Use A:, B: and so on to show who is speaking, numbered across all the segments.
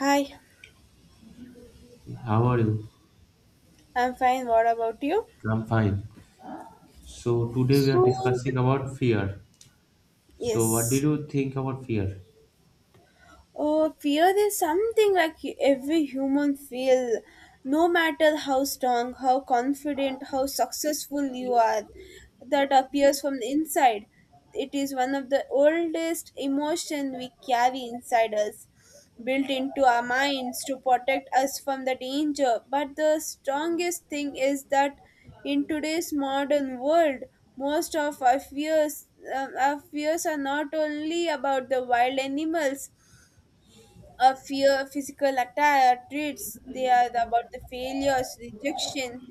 A: Hi,
B: How are you?
A: I'm fine. What about you?
B: I'm fine. So today we are
A: So,
B: discussing about fear. So what did
A: Yes.
B: you think about fear?
A: Oh, fear is something like every human feel, no matter how strong, how confident, how successful you are, that appears from the inside. It is one of the oldest emotion we carry inside us, built into our minds to protect us from the danger. But the strongest thing is that in today's modern world, most of our fears are not only about the wild animals, a fear physical attack, treats. They are about the failures, rejection,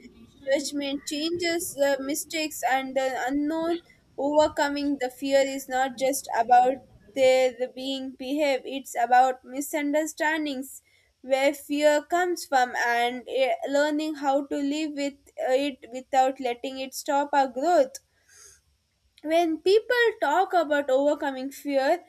A: judgment, changes, mistakes and the unknown. Overcoming the fear is not just about their being behave, it's about misunderstandings where fear comes from, and learning how to live with it without letting it stop our growth. When people talk about overcoming fear,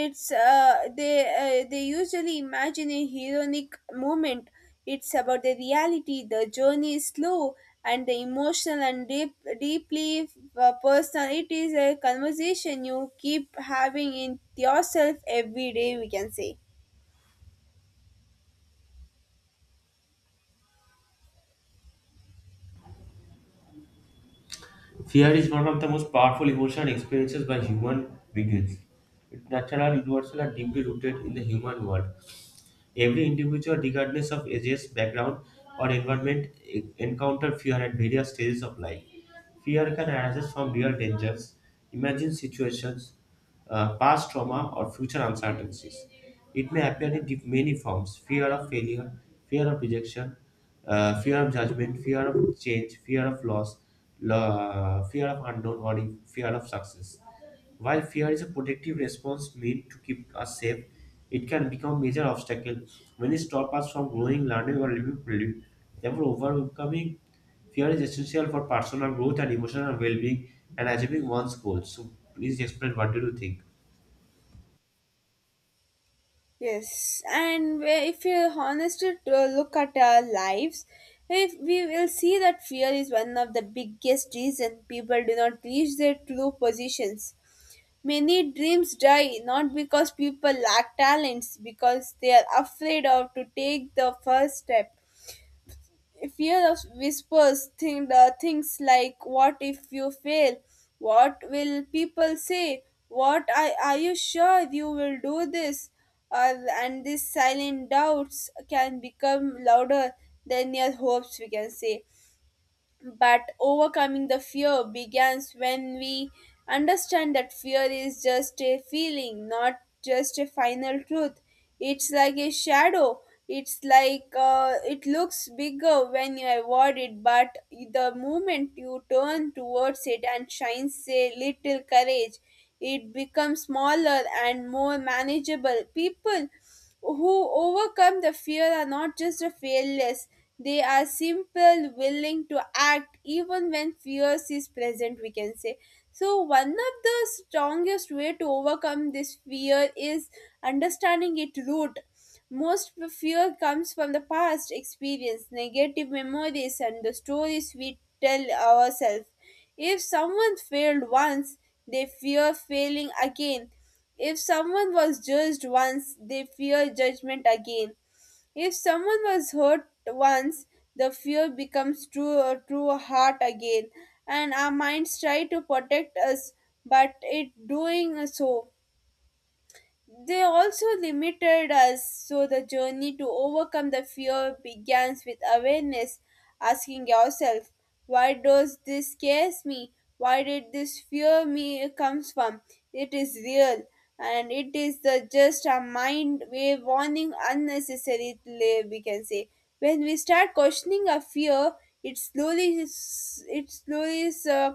A: it's they usually imagine a heroic moment. It's about the reality, the journey is slow and the emotional and deeply personal. It is a conversation you keep having in yourself every day, we can say.
B: Fear is one of the most powerful emotion experiences by human beings. It's natural, universal, and deeply rooted in the human world. Every individual, regardless of ages, background, or environment, encounter fear at various stages of life. Fear can arise from real dangers, imagined situations, past trauma, or future uncertainties. It may appear in many forms: fear of failure, fear of rejection, fear of judgment, fear of change, fear of loss, fear of unknown, or fear of success. While fear is a protective response meant to keep us safe, it can become a major obstacle when it stops us from growing, learning, or living fully. Therefore, overcoming fear is essential for personal growth and emotional well-being and achieving one's goals. So, please explain what do you think?
A: Yes, and if you honestly to look at our lives, if we will see that fear is one of the biggest reason people do not reach their true positions. Many dreams die not because people lack talents, because they are afraid of to take the first step. Fear of whispers think the things like, what if you fail, what will people say, are you sure you will do this, uh, and these silent doubts can become louder than your hopes, we can say. But overcoming the fear begins when we understand that fear is just a feeling, not just a final truth. It's like a shadow. It's like, it looks bigger when you avoid it, but the moment you turn towards it and shines a little courage, it becomes smaller and more manageable. People who overcome the fear are not just a fearless, they are simple willing to act even when fears is present, we can say. So one of the strongest way to overcome this fear is understanding its root. Most fear comes from the past experience, negative memories and the stories we tell ourselves. If someone failed once, they fear failing again. If someone was judged once, they fear judgment again. If someone was hurt once, the fear becomes true or true heart again. And our minds try to protect us, but it doing so. They also limited us. So the journey to overcome the fear begins with awareness, asking yourself, why does this scares me? Why did this fear me comes from? It is real and it is the just a mind way warning unnecessarily, we can say. When we start questioning our fear, it slowly it slowly uh,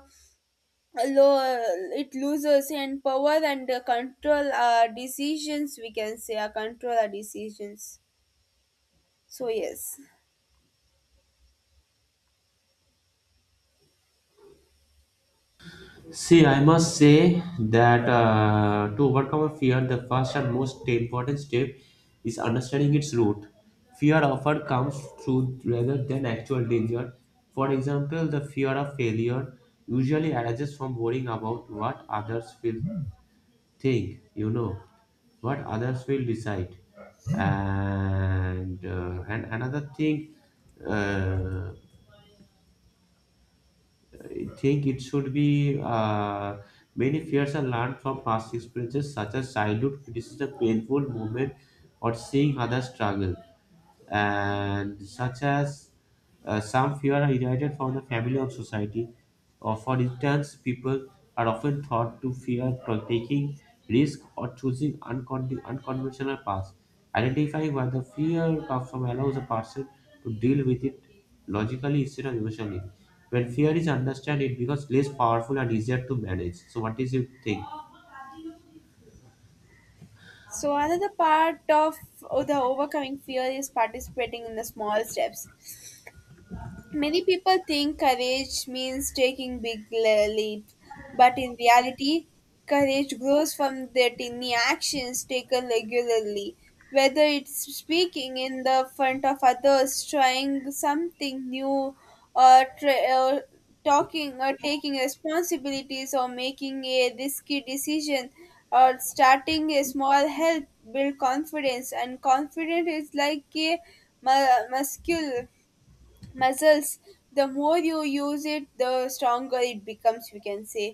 A: it loses and power and control our decisions, we can say, control our decisions. So yes.
B: See, I must say that to overcome a fear, the first and most important step is understanding its root. Fear often comes through rather than actual danger. For example, the fear of failure usually arises from worrying about what others will think, you know, what others will decide. And another thing, uh, think it should be many fears are learned from past experiences such as childhood criticism, painful moment, or seeing others struggle, and such as some fear are inherited from the family or society. Or for instance, people are often taught to fear taking risk or choosing unconventional paths. Identifying where the fear comes from allows a person to deal with it logically instead of emotionally. When fear is understood, it becomes less powerful and easier to manage. So, what is your think?
A: So another part of the overcoming fear is participating in the small steps. Many people think courage means taking big leaps, but in reality, courage grows from the tiny actions taken regularly. Whether it's speaking in the front of others, trying something new, or talking or taking responsibilities, or making a risky decision, or starting a small help build confidence, and confidence is like a mu- muscle muscles The more you use it, the stronger it becomes, we can say.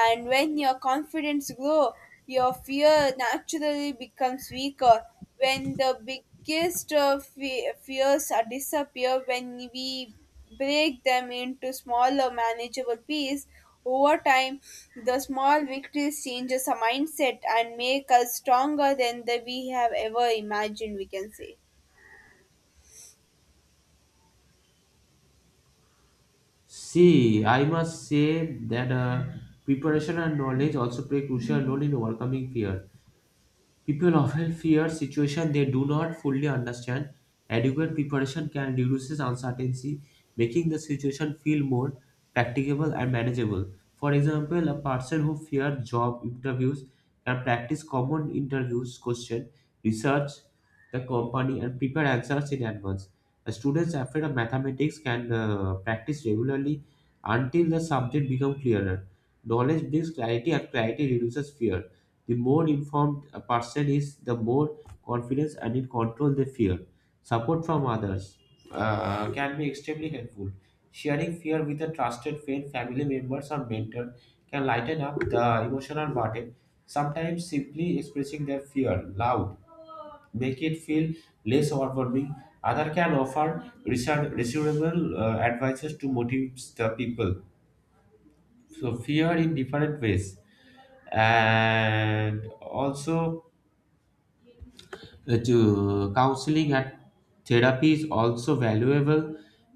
A: And when your confidence grow, your fear naturally becomes weaker. When the biggest fears are disappear, when we break them into smaller manageable pieces over time, the small victories changes our mindset and make us stronger than the, we have ever imagined, we can say.
B: See, I must say that preparation and knowledge also play a crucial role in overcoming fear. People often fear situations they do not fully understand. Adequate preparation can reduce uncertainty, making the situation feel more practicable and manageable. For example, a person who fears job interviews can practice common interviews questions, research the company, and prepare answers in advance. A student afraid of mathematics can practice regularly until the subject becomes clearer. Knowledge brings clarity, and clarity reduces fear. The more informed a person is, the more confidence and in control they feel. Support from others can be extremely helpful. Sharing fear with a trusted friend, family members, or mentor can lighten up the emotional burden. Sometimes simply expressing their fear loud make it feel less overwhelming. Other can offer reassurable advices to motivate the people. So fear in different ways, and also counseling and therapy is also valuable,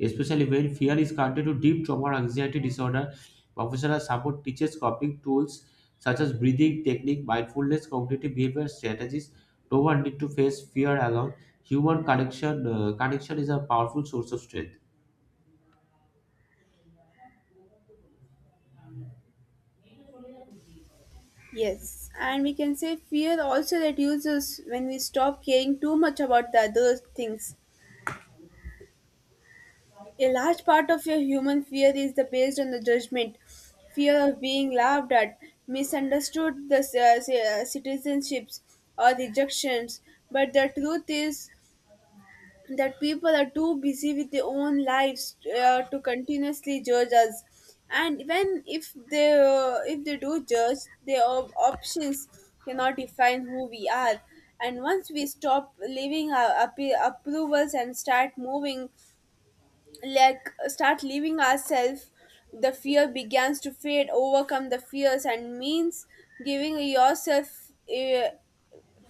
B: especially when fear is connected to deep trauma or anxiety disorder. Professional support teaches coping tools such as breathing technique, mindfulness, cognitive behavior strategies. No one need to face fear alone. Human connection is a powerful source of strength.
A: Yes, and we can say fear also reduces when we stop caring too much about the other things. A large part of your human fear is the based on the judgment, fear of being laughed at, misunderstood, the citizenships or rejections. But the truth is, that people are too busy with their own lives to continuously judge us. And when, if they do judge, their options cannot define who we are. And once we stop leaving our approvals and start moving, like start leaving ourselves, the fear begins to fade. Overcome the fears and means giving yourself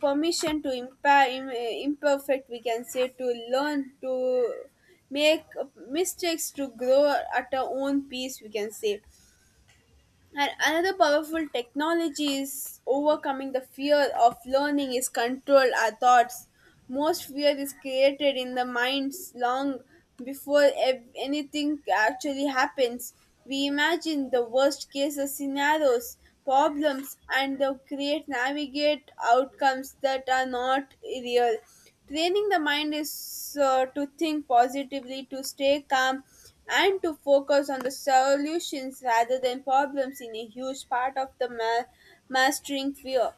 A: permission to imperfect, we can say, to learn to make mistakes, to grow at our own pace, we can say. And another powerful technology is overcoming the fear of learning is control our thoughts. Most fear is created in the minds long before anything actually happens. We imagine the worst case scenarios, problems, and the create navigate outcomes that are not real. Training the mind is to think positively, to stay calm, and to focus on the solutions rather than problems in a huge part of the mastering fear.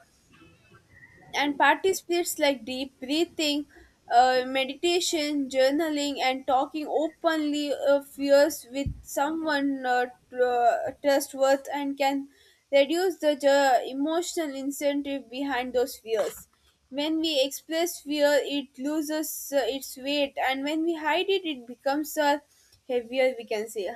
A: And participates like deep breathing, meditation, journaling, and talking openly of fears with someone trustworth, and can reduce the emotional incentive behind those fears. When we express fear, it loses its weight, and when we hide it, it becomes a heavier, we can say.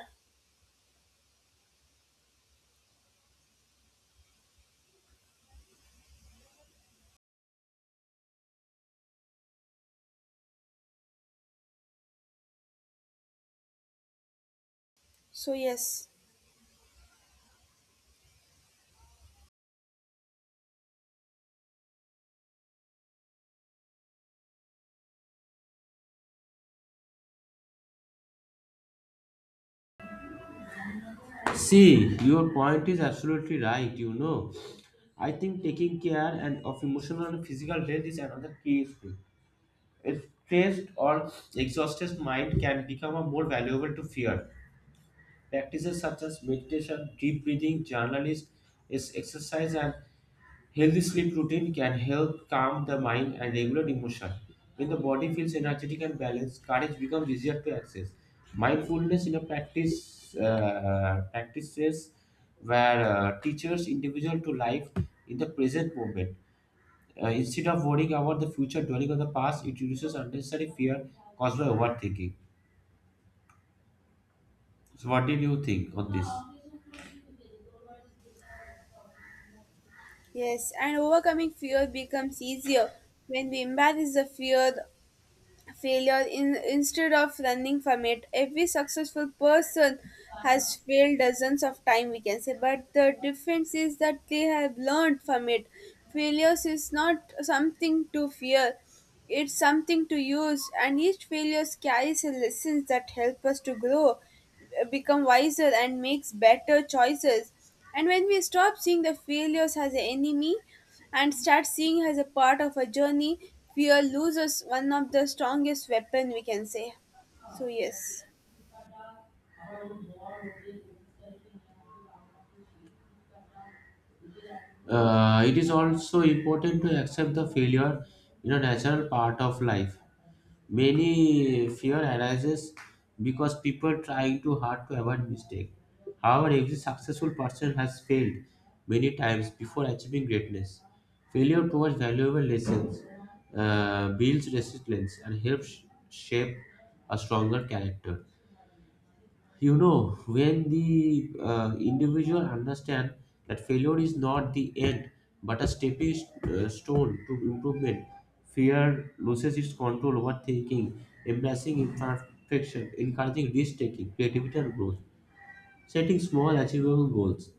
A: So, yes.
B: See, your point is absolutely right. You know, I think taking care and of emotional and physical health is another key issue. A stressed or exhausted mind can become a more valuable to fear. Practices such as meditation, deep breathing, journaling, is exercise, and healthy sleep routine can help calm the mind and regulate emotion. When the body feels energetic and balanced, courage becomes easier to access. Mindfulness in a practices where teachers individual to life in the present moment instead of worrying about the future, dwelling on the past, it reduces unnecessary fear caused by overthinking. So, what did you think on this?
A: Yes, and overcoming fear becomes easier when we embrace the instead of running from it. Every successful person has failed dozens of times, we can say, but the difference is that they have learned from it. Failures is not something to fear, it's something to use. And each failure carries a lessons that help us to grow, become wiser and makes better choices. And when we stop seeing the failures as an enemy and start seeing as a part of a journey, fear loses one of the strongest weapon, we can say. So yes.
B: It is also important to accept the failure in a natural part of life. Many fear arises because people trying too hard to avoid mistake. However, every successful person has failed many times before achieving greatness. Failure towards valuable lessons builds resilience and helps shape a stronger character. You know, when the individual understand that failure is not the end but a stepping stone to improvement, fear loses its control over thinking, embracing imperfection, encouraging risk taking, creativity and growth. Setting small, achievable goals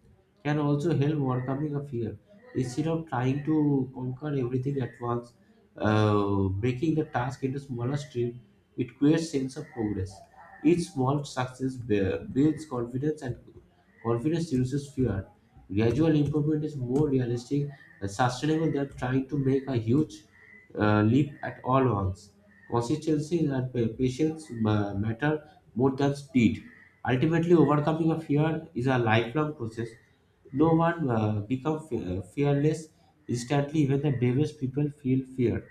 B: can also help overcoming a fear. Instead of trying to conquer everything at once, breaking the task into smaller streams, it creates sense of progress. Each small success builds confidence, and confidence reduces fear. Gradual improvement is more realistic and sustainable than trying to make a huge leap at all once. Consistency and patience matter more than speed. Ultimately, overcoming a fear is a lifelong process. No one becomes fearless instantly. Even the bravest people feel fear,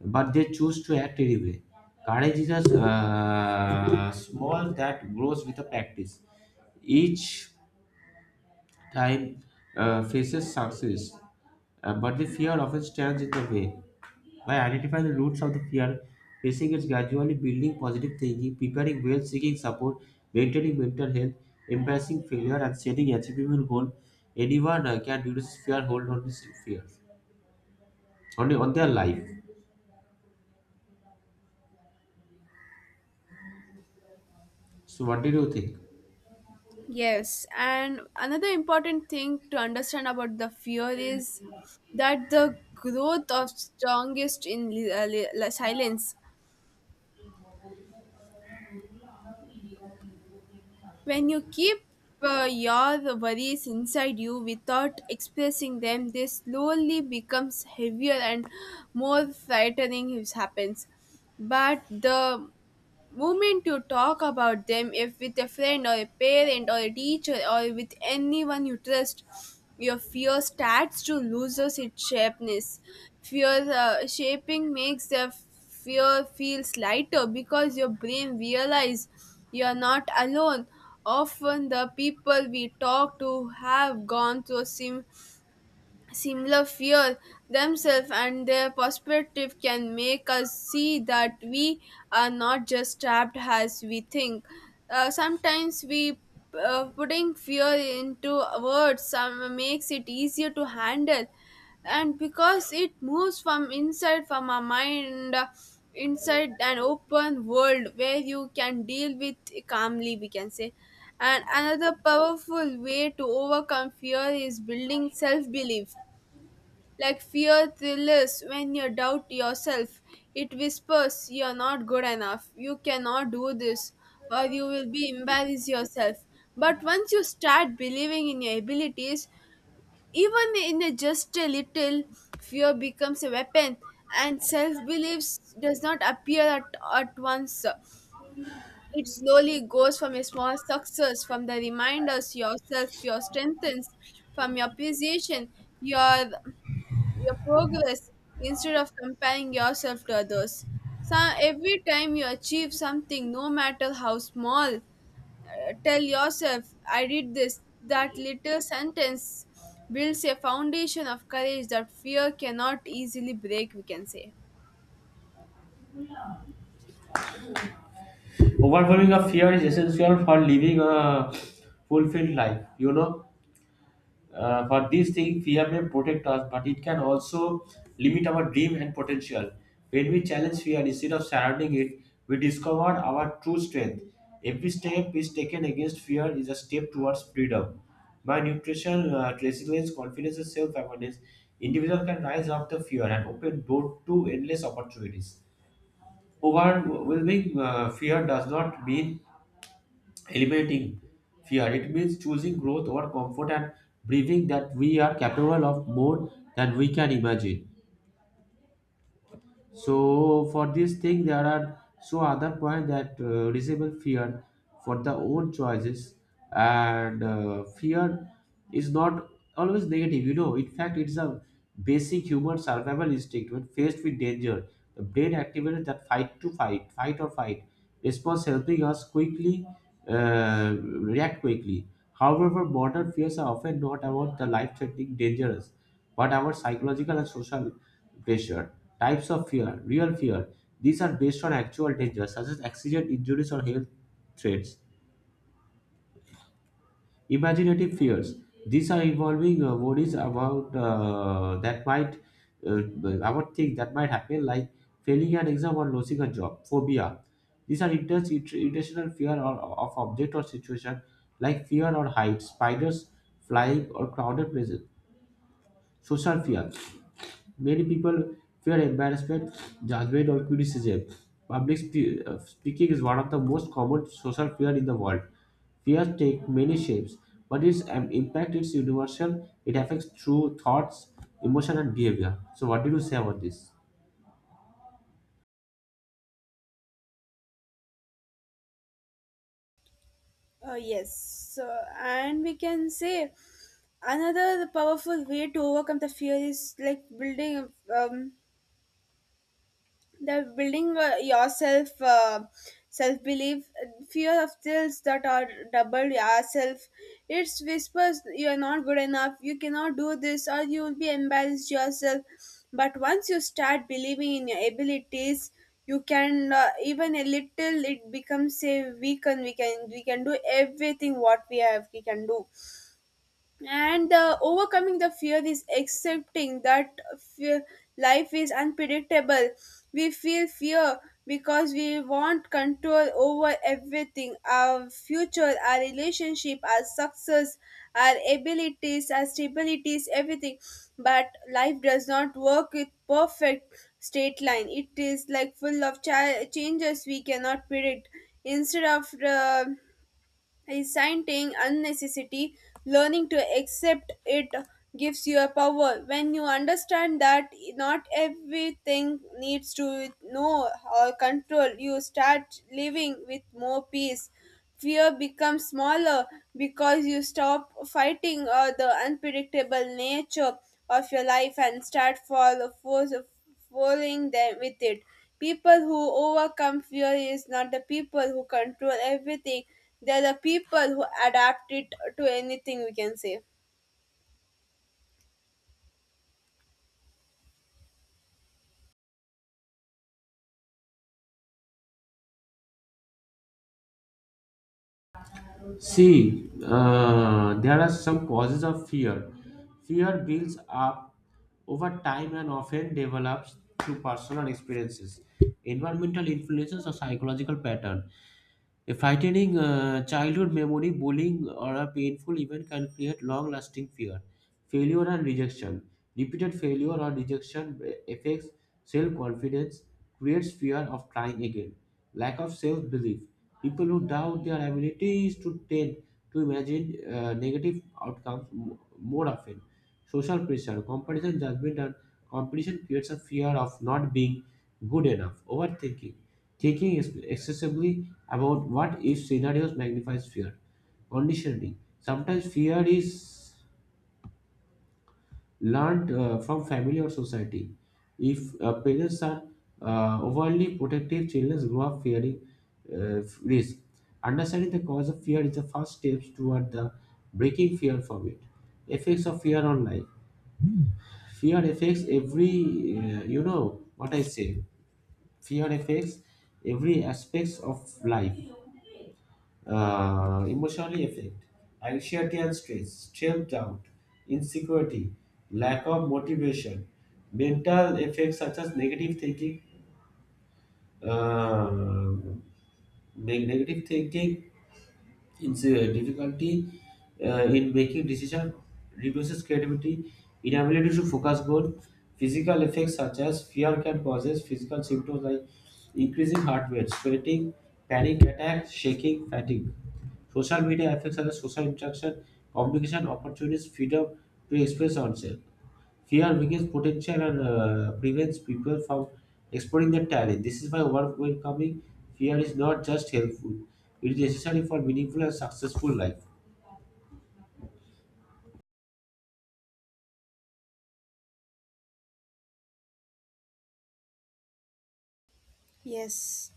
B: but they choose to act anyway. Courage is a small that grows with the practice. Each time faces success, but the fear often stands in the way. By identifying the roots of the fear, facing it gradually, building positive thinking, preparing well, seeking support, maintaining mental health, embracing failure, and setting achievable goal, anyone can reduce fear, hold on this fear on their life. So, what did you think?
A: Yes, and another important thing to understand about the fear is that the growth of strongest in silence. When you keep your worries inside you without expressing them, they slowly becomes heavier and more frightening. It happens, but the moment you talk about them if with a friend or a parent or a teacher or with anyone you trust, your fear starts to lose its sharpness. Fear shaping makes the fear feels lighter because your brain realizes you are not alone. Often the people we talk to have gone through similar fear themselves, and their perspective can make us see that we are not just trapped as we think. Sometimes we, putting fear into words some makes it easier to handle, and because it moves from inside from our mind inside an open world where you can deal with calmly, we can say. And another powerful way to overcome fear is building self belief, like fear thrills when you doubt yourself. It whispers, you're not good enough, you cannot do this, or you will be embarrassed yourself. But once you start believing in your abilities, even in a just a little, fear becomes a weapon. And self belief does not appear at once. It slowly goes from a small success, from the reminders yourself, your strengthens, from your appreciation, your your progress instead of comparing yourself to others. So every time you achieve something, no matter how small, tell yourself, I did this. That little sentence builds a foundation of courage that fear cannot easily break, we can say.
B: Overcoming a fear is essential for living a fulfilled life. You know, for these things fear may protect us, but it can also limit our dream and potential. When we challenge fear instead of surrounding it, we discover our true strength. Every step is taken against fear is a step towards freedom. By nutrition, resilience, confidence and self-awareness, individual can rise up the fear and open door to endless opportunities. Overwhelming fear does not mean eliminating fear. It means choosing growth over comfort and believing that we are capable of more than we can imagine. So for this thing there are so other point that disable fear for the own choices. And fear is not always negative, you know. In fact it's a basic human survival instinct. When faced with danger, the brain activates that fight or fight response, helping us quickly react quickly. However, modern fears are often not about the life threatening dangerous, but about psychological and social pressure. Types of fear: real fear. These are based on actual dangers such as accident, injuries, or health threats. Imaginative fears. These are involving worries about that might uh, about things that might happen, like failing an exam or losing a job. Phobia. These are intense intentional fear or, of object or situation, like fear or heights, spiders, flying, or crowded places. Social fear. Many people fear embarrassment, judgment, or criticism. Public speaking is one of the most common social fear in the world. Fears take many shapes, but its impact is universal. It affects through thoughts, emotion, and behavior. So, what did you say about this?
A: Yes. So, and we can say another powerful way to overcome the fear is like building um, the building yourself, self belief. Fear of thrills that are double yourself, it's whispers, you are not good enough, you cannot do this, or you will be embarrassed yourself. But once you start believing in your abilities, you can, even a little, it becomes a weaken. We can do everything what we have we can do. And overcoming the fear is accepting that fear, life is unpredictable. We feel fear because we want control over everything, our future, our relationship, our success, our abilities, our stabilities, everything. But life does not work with perfect straight line, it is like full of changes we cannot predict. Instead of resenting unnecessity, learning to accept it gives you a power. When you understand that not everything needs to know or control, you start living with more peace. Fear becomes smaller because you stop fighting the unpredictable nature of your life and start following them with it. People who overcome fear is not the people who control everything. They are the people who adapt it to anything, we can say.
B: See, there are some causes of fear. Fear builds up over time and often develops through personal experiences, environmental influences, or psychological pattern. A frightening childhood memory, bullying, or a painful event can create long lasting fear, failure, and rejection. Repeated failure or rejection affects self confidence, creates fear of trying again, lack of self belief. People who doubt their abilities to tend to imagine negative outcomes more often. Social pressure, comparison, judgment, and competition creates a fear of not being good enough, overthinking. Thinking is excessively about what if scenarios magnifies fear. Conditioning. Sometimes fear is learned from family or society. If parents are overly protective, children grow up fearing risk. Understanding the cause of fear is the first step toward the breaking fear from it. Effects of fear on life. Fear affects every, you know what I say. Fear affects every aspects of life, emotionally affect anxiety and stress, self-doubt, insecurity, lack of motivation, mental effects such as negative thinking, uh, negative thinking, it's a difficulty in making decision, reduces creativity, inability to focus goal, physical effects such as fear can causes physical symptoms like increasing heart rate, sweating, panic attack, shaking, fatigue. Social media affects other social interaction, communication opportunities, freedom to express oneself. Fear weakens potential and prevents people from exploring their talent. This is why overcoming fear is not just helpful, it is necessary for meaningful and successful life.
A: Yes.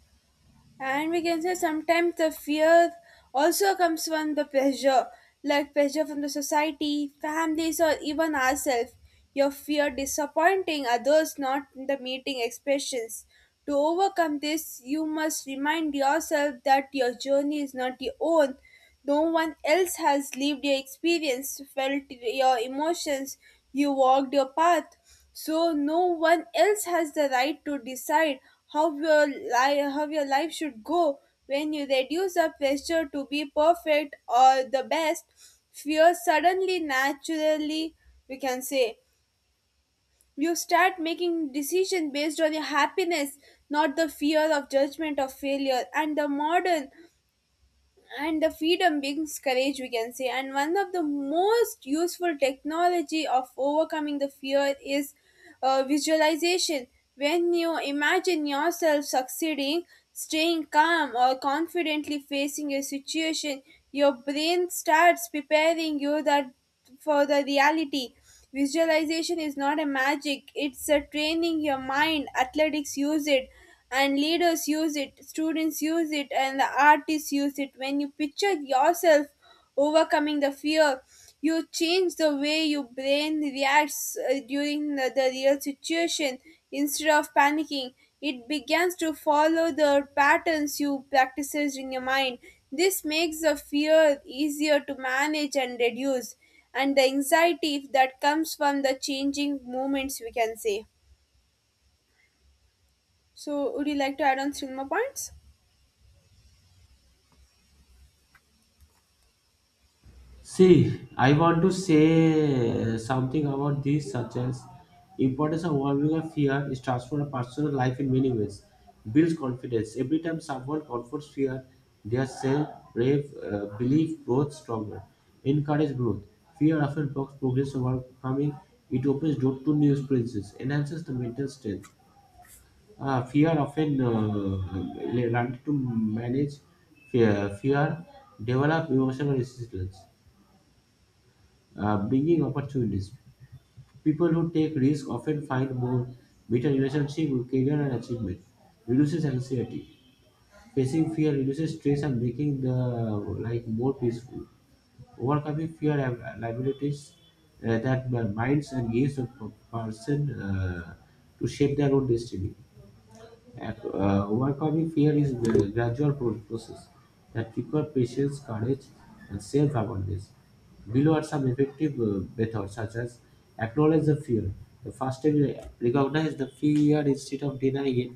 A: And we can say sometimes the fear also comes from the pressure, like pressure from the society, families, or even ourselves. Your fear disappointing others, not in the meeting expressions. To overcome this, you must remind yourself that your journey is not your own. No one else has lived your experience, felt your emotions, you walked your path, so no one else has the right to decide how your life should go. When you reduce the pressure to be perfect or the best, fear suddenly naturally, we can say, you start making decisions based on your happiness, not the fear of judgment of failure. And the freedom brings courage, we can say, and one of the most useful technology of overcoming the fear is visualization. When you imagine yourself succeeding, staying calm or confidently facing a situation, your brain starts preparing you that for the reality. Visualization is not a magic, it's a training your mind. Athletics use it, and leaders use it, students use it, and the artists use it. When you picture yourself overcoming the fear, you change the way your brain reacts during the real situation. Instead of panicking, it begins to follow the patterns you practices in your mind. This makes the fear easier to manage and reduce, and the anxiety that comes from the changing moments, we can say. So would you like to add on three more points?
B: See, I want to say something about this, such as importance of overcoming a fear is transformed a personal life in many ways. Builds confidence. Every time someone confronts fear, their self brave belief grows stronger. Encourage growth. Fear often blocks progress of overcoming. It opens door to new experiences. Enhances the mental strength. Fear often learned to manage fear. Fear develop emotional resistance, bringing opportunities. People who take risk often find more better relationship with career and achievement. Reduces anxiety. Facing fear reduces stress and making the life more peaceful. Overcoming fear and liabilities that minds and gives a person to shape their own destiny. Overcoming fear is a gradual process that requires patience, courage, and self awareness. Below are some effective methods such as acknowledge the fear. The first step is recognize the fear instead of denying it,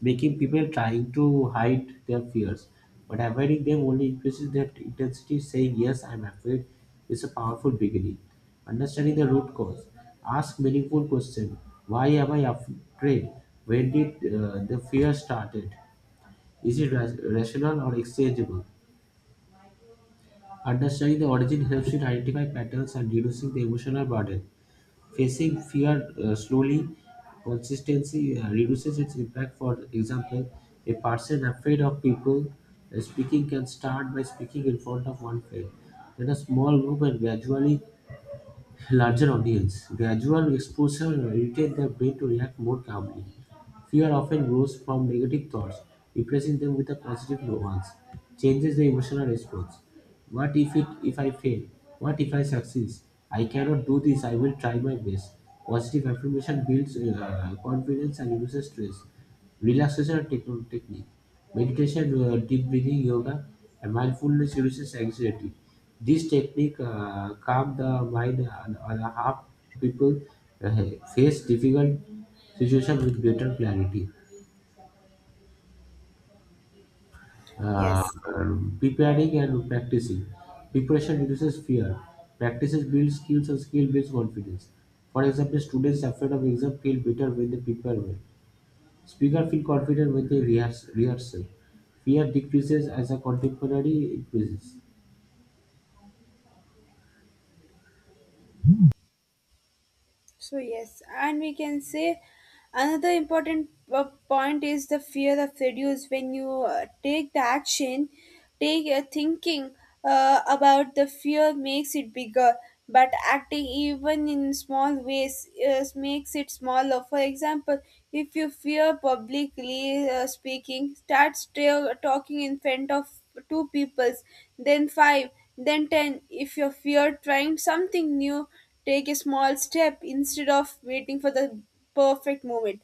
B: making people trying to hide their fears. But avoiding them only increases their intensity. Saying, "Yes, I'm afraid," is a powerful beginning. Understanding the root cause. Ask meaningful question. Why am I afraid? When did the fear started? Is it rational or exchangeable? Understanding the origin helps you to identify patterns and reducing the emotional burden. Facing fear slowly, consistency reduces its impact. For example, a person afraid of people speaking can start by speaking in front of one friend, then a small group, and gradually larger audience. Gradual exposure irritates the brain to react more calmly. Fear often grows from negative thoughts, replacing them with the positive ones, changes the emotional response. What if it if I fail? What if I succeed? I cannot do this. I will try my best. Positive affirmation builds confidence and reduces stress. Relaxation technique. Meditation, deep breathing, yoga, and mindfulness reduces anxiety. This technique calm the mind and help people uh, face difficult situation with greater clarity. Uh,
A: Yes.
B: preparing and practicing. Preparation reduces fear. Practices build skills and skill builds confidence. For example, students afraid of exam feel better when they prepare well. Speaker feel confident when they rehearse. Rehearsal. Fear decreases as a contemporary increases.
A: So yes, and we can say another important point is the fear of reduce when you take the action, take thinking about the fear makes it bigger, but acting even in small ways makes it smaller. For example, if you fear publicly speaking, start still talking in front of two peoples, then five, then ten. If you fear trying something new, take a small step instead of waiting for the perfect moment.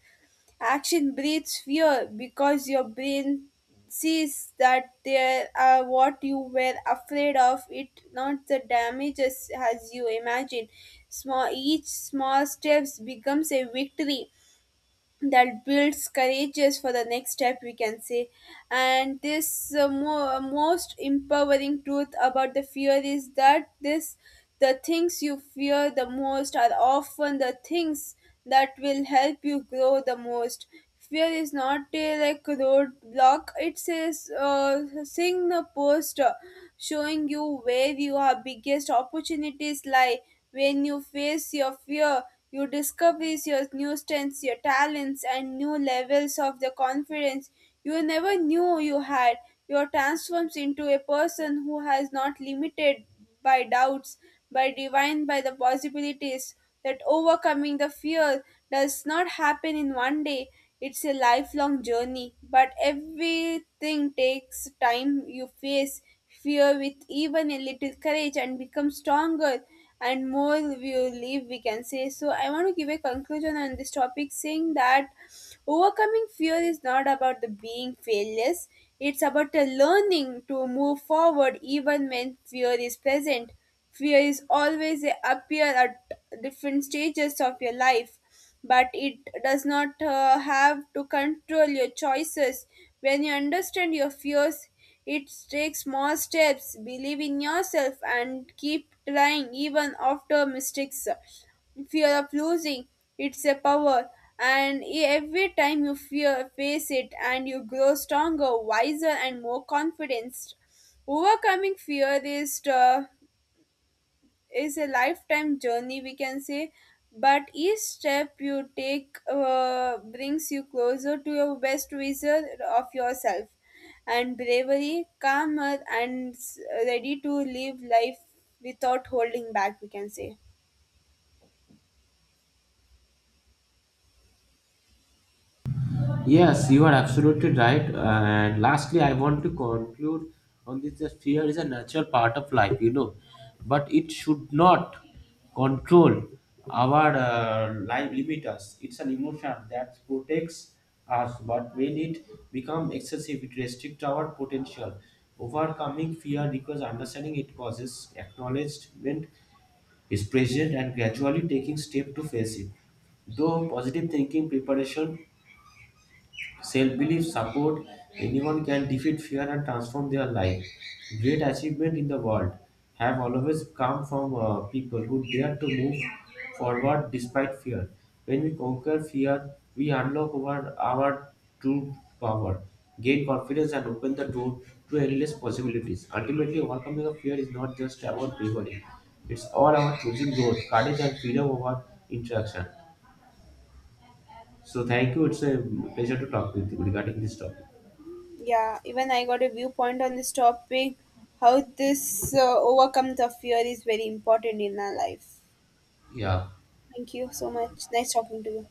A: Action breeds fear because your brain sees that there are what you were afraid of it, not the damages as you imagine. Small Each small steps becomes a victory that builds courageous for the next step, we can say. And this most empowering truth about the fear is that this the things you fear the most are often the things that will help you grow the most. Fear is not a like roadblock, it's a signal post, showing you where your biggest opportunities lie. When you face your fear, you discover your new strengths, your talents, and new levels of the confidence you never knew you had. You are transformed into a person who has not limited by doubts, by divine, by the possibilities, that overcoming the fear does not happen in one day. It's a lifelong journey, but everything takes time. You face fear with even a little courage and become stronger and more we live, we can say. So I want to give a conclusion on this topic saying that overcoming fear is not about the being fearless, it's about the learning to move forward even when fear is present. Fear is always a appear at different stages of your life, but it does not have to control your choices. When you understand your fears, it takes small steps, believe in yourself, and keep trying even after mistakes. Fear of losing, it's a power, and every time you fear, face it, and you grow stronger, wiser, and more confident. Overcoming fear is. Is a lifetime journey, we can say, but each step you take brings you closer to your best vision of yourself and bravery calmer and ready to live life without holding back, we can say.
B: Yes, you are absolutely right. And lastly, I want to conclude on this that fear is a natural part of life, you know, but it should not control our life, limit us. It's an emotion that protects us, but when it becomes excessive, it restricts our potential. Overcoming fear requires understanding it causes, acknowledgement is present, and gradually taking step to face it. Though positive thinking, preparation, self-belief, support, anyone can defeat fear and transform their life. Great achievement in the world have always come from people who dare to move forward despite fear. When we conquer fear, we unlock our true power, gain confidence and open the door to endless possibilities. Ultimately, overcoming a fear is not just about bravery. It's all about choosing growth, courage and freedom over interaction. So thank you. It's a pleasure to talk with you regarding this topic.
A: Yeah, even I got a viewpoint on this topic, how this overcome the fear is very important in our life.
B: Yeah.
A: Thank you so much, nice talking to you.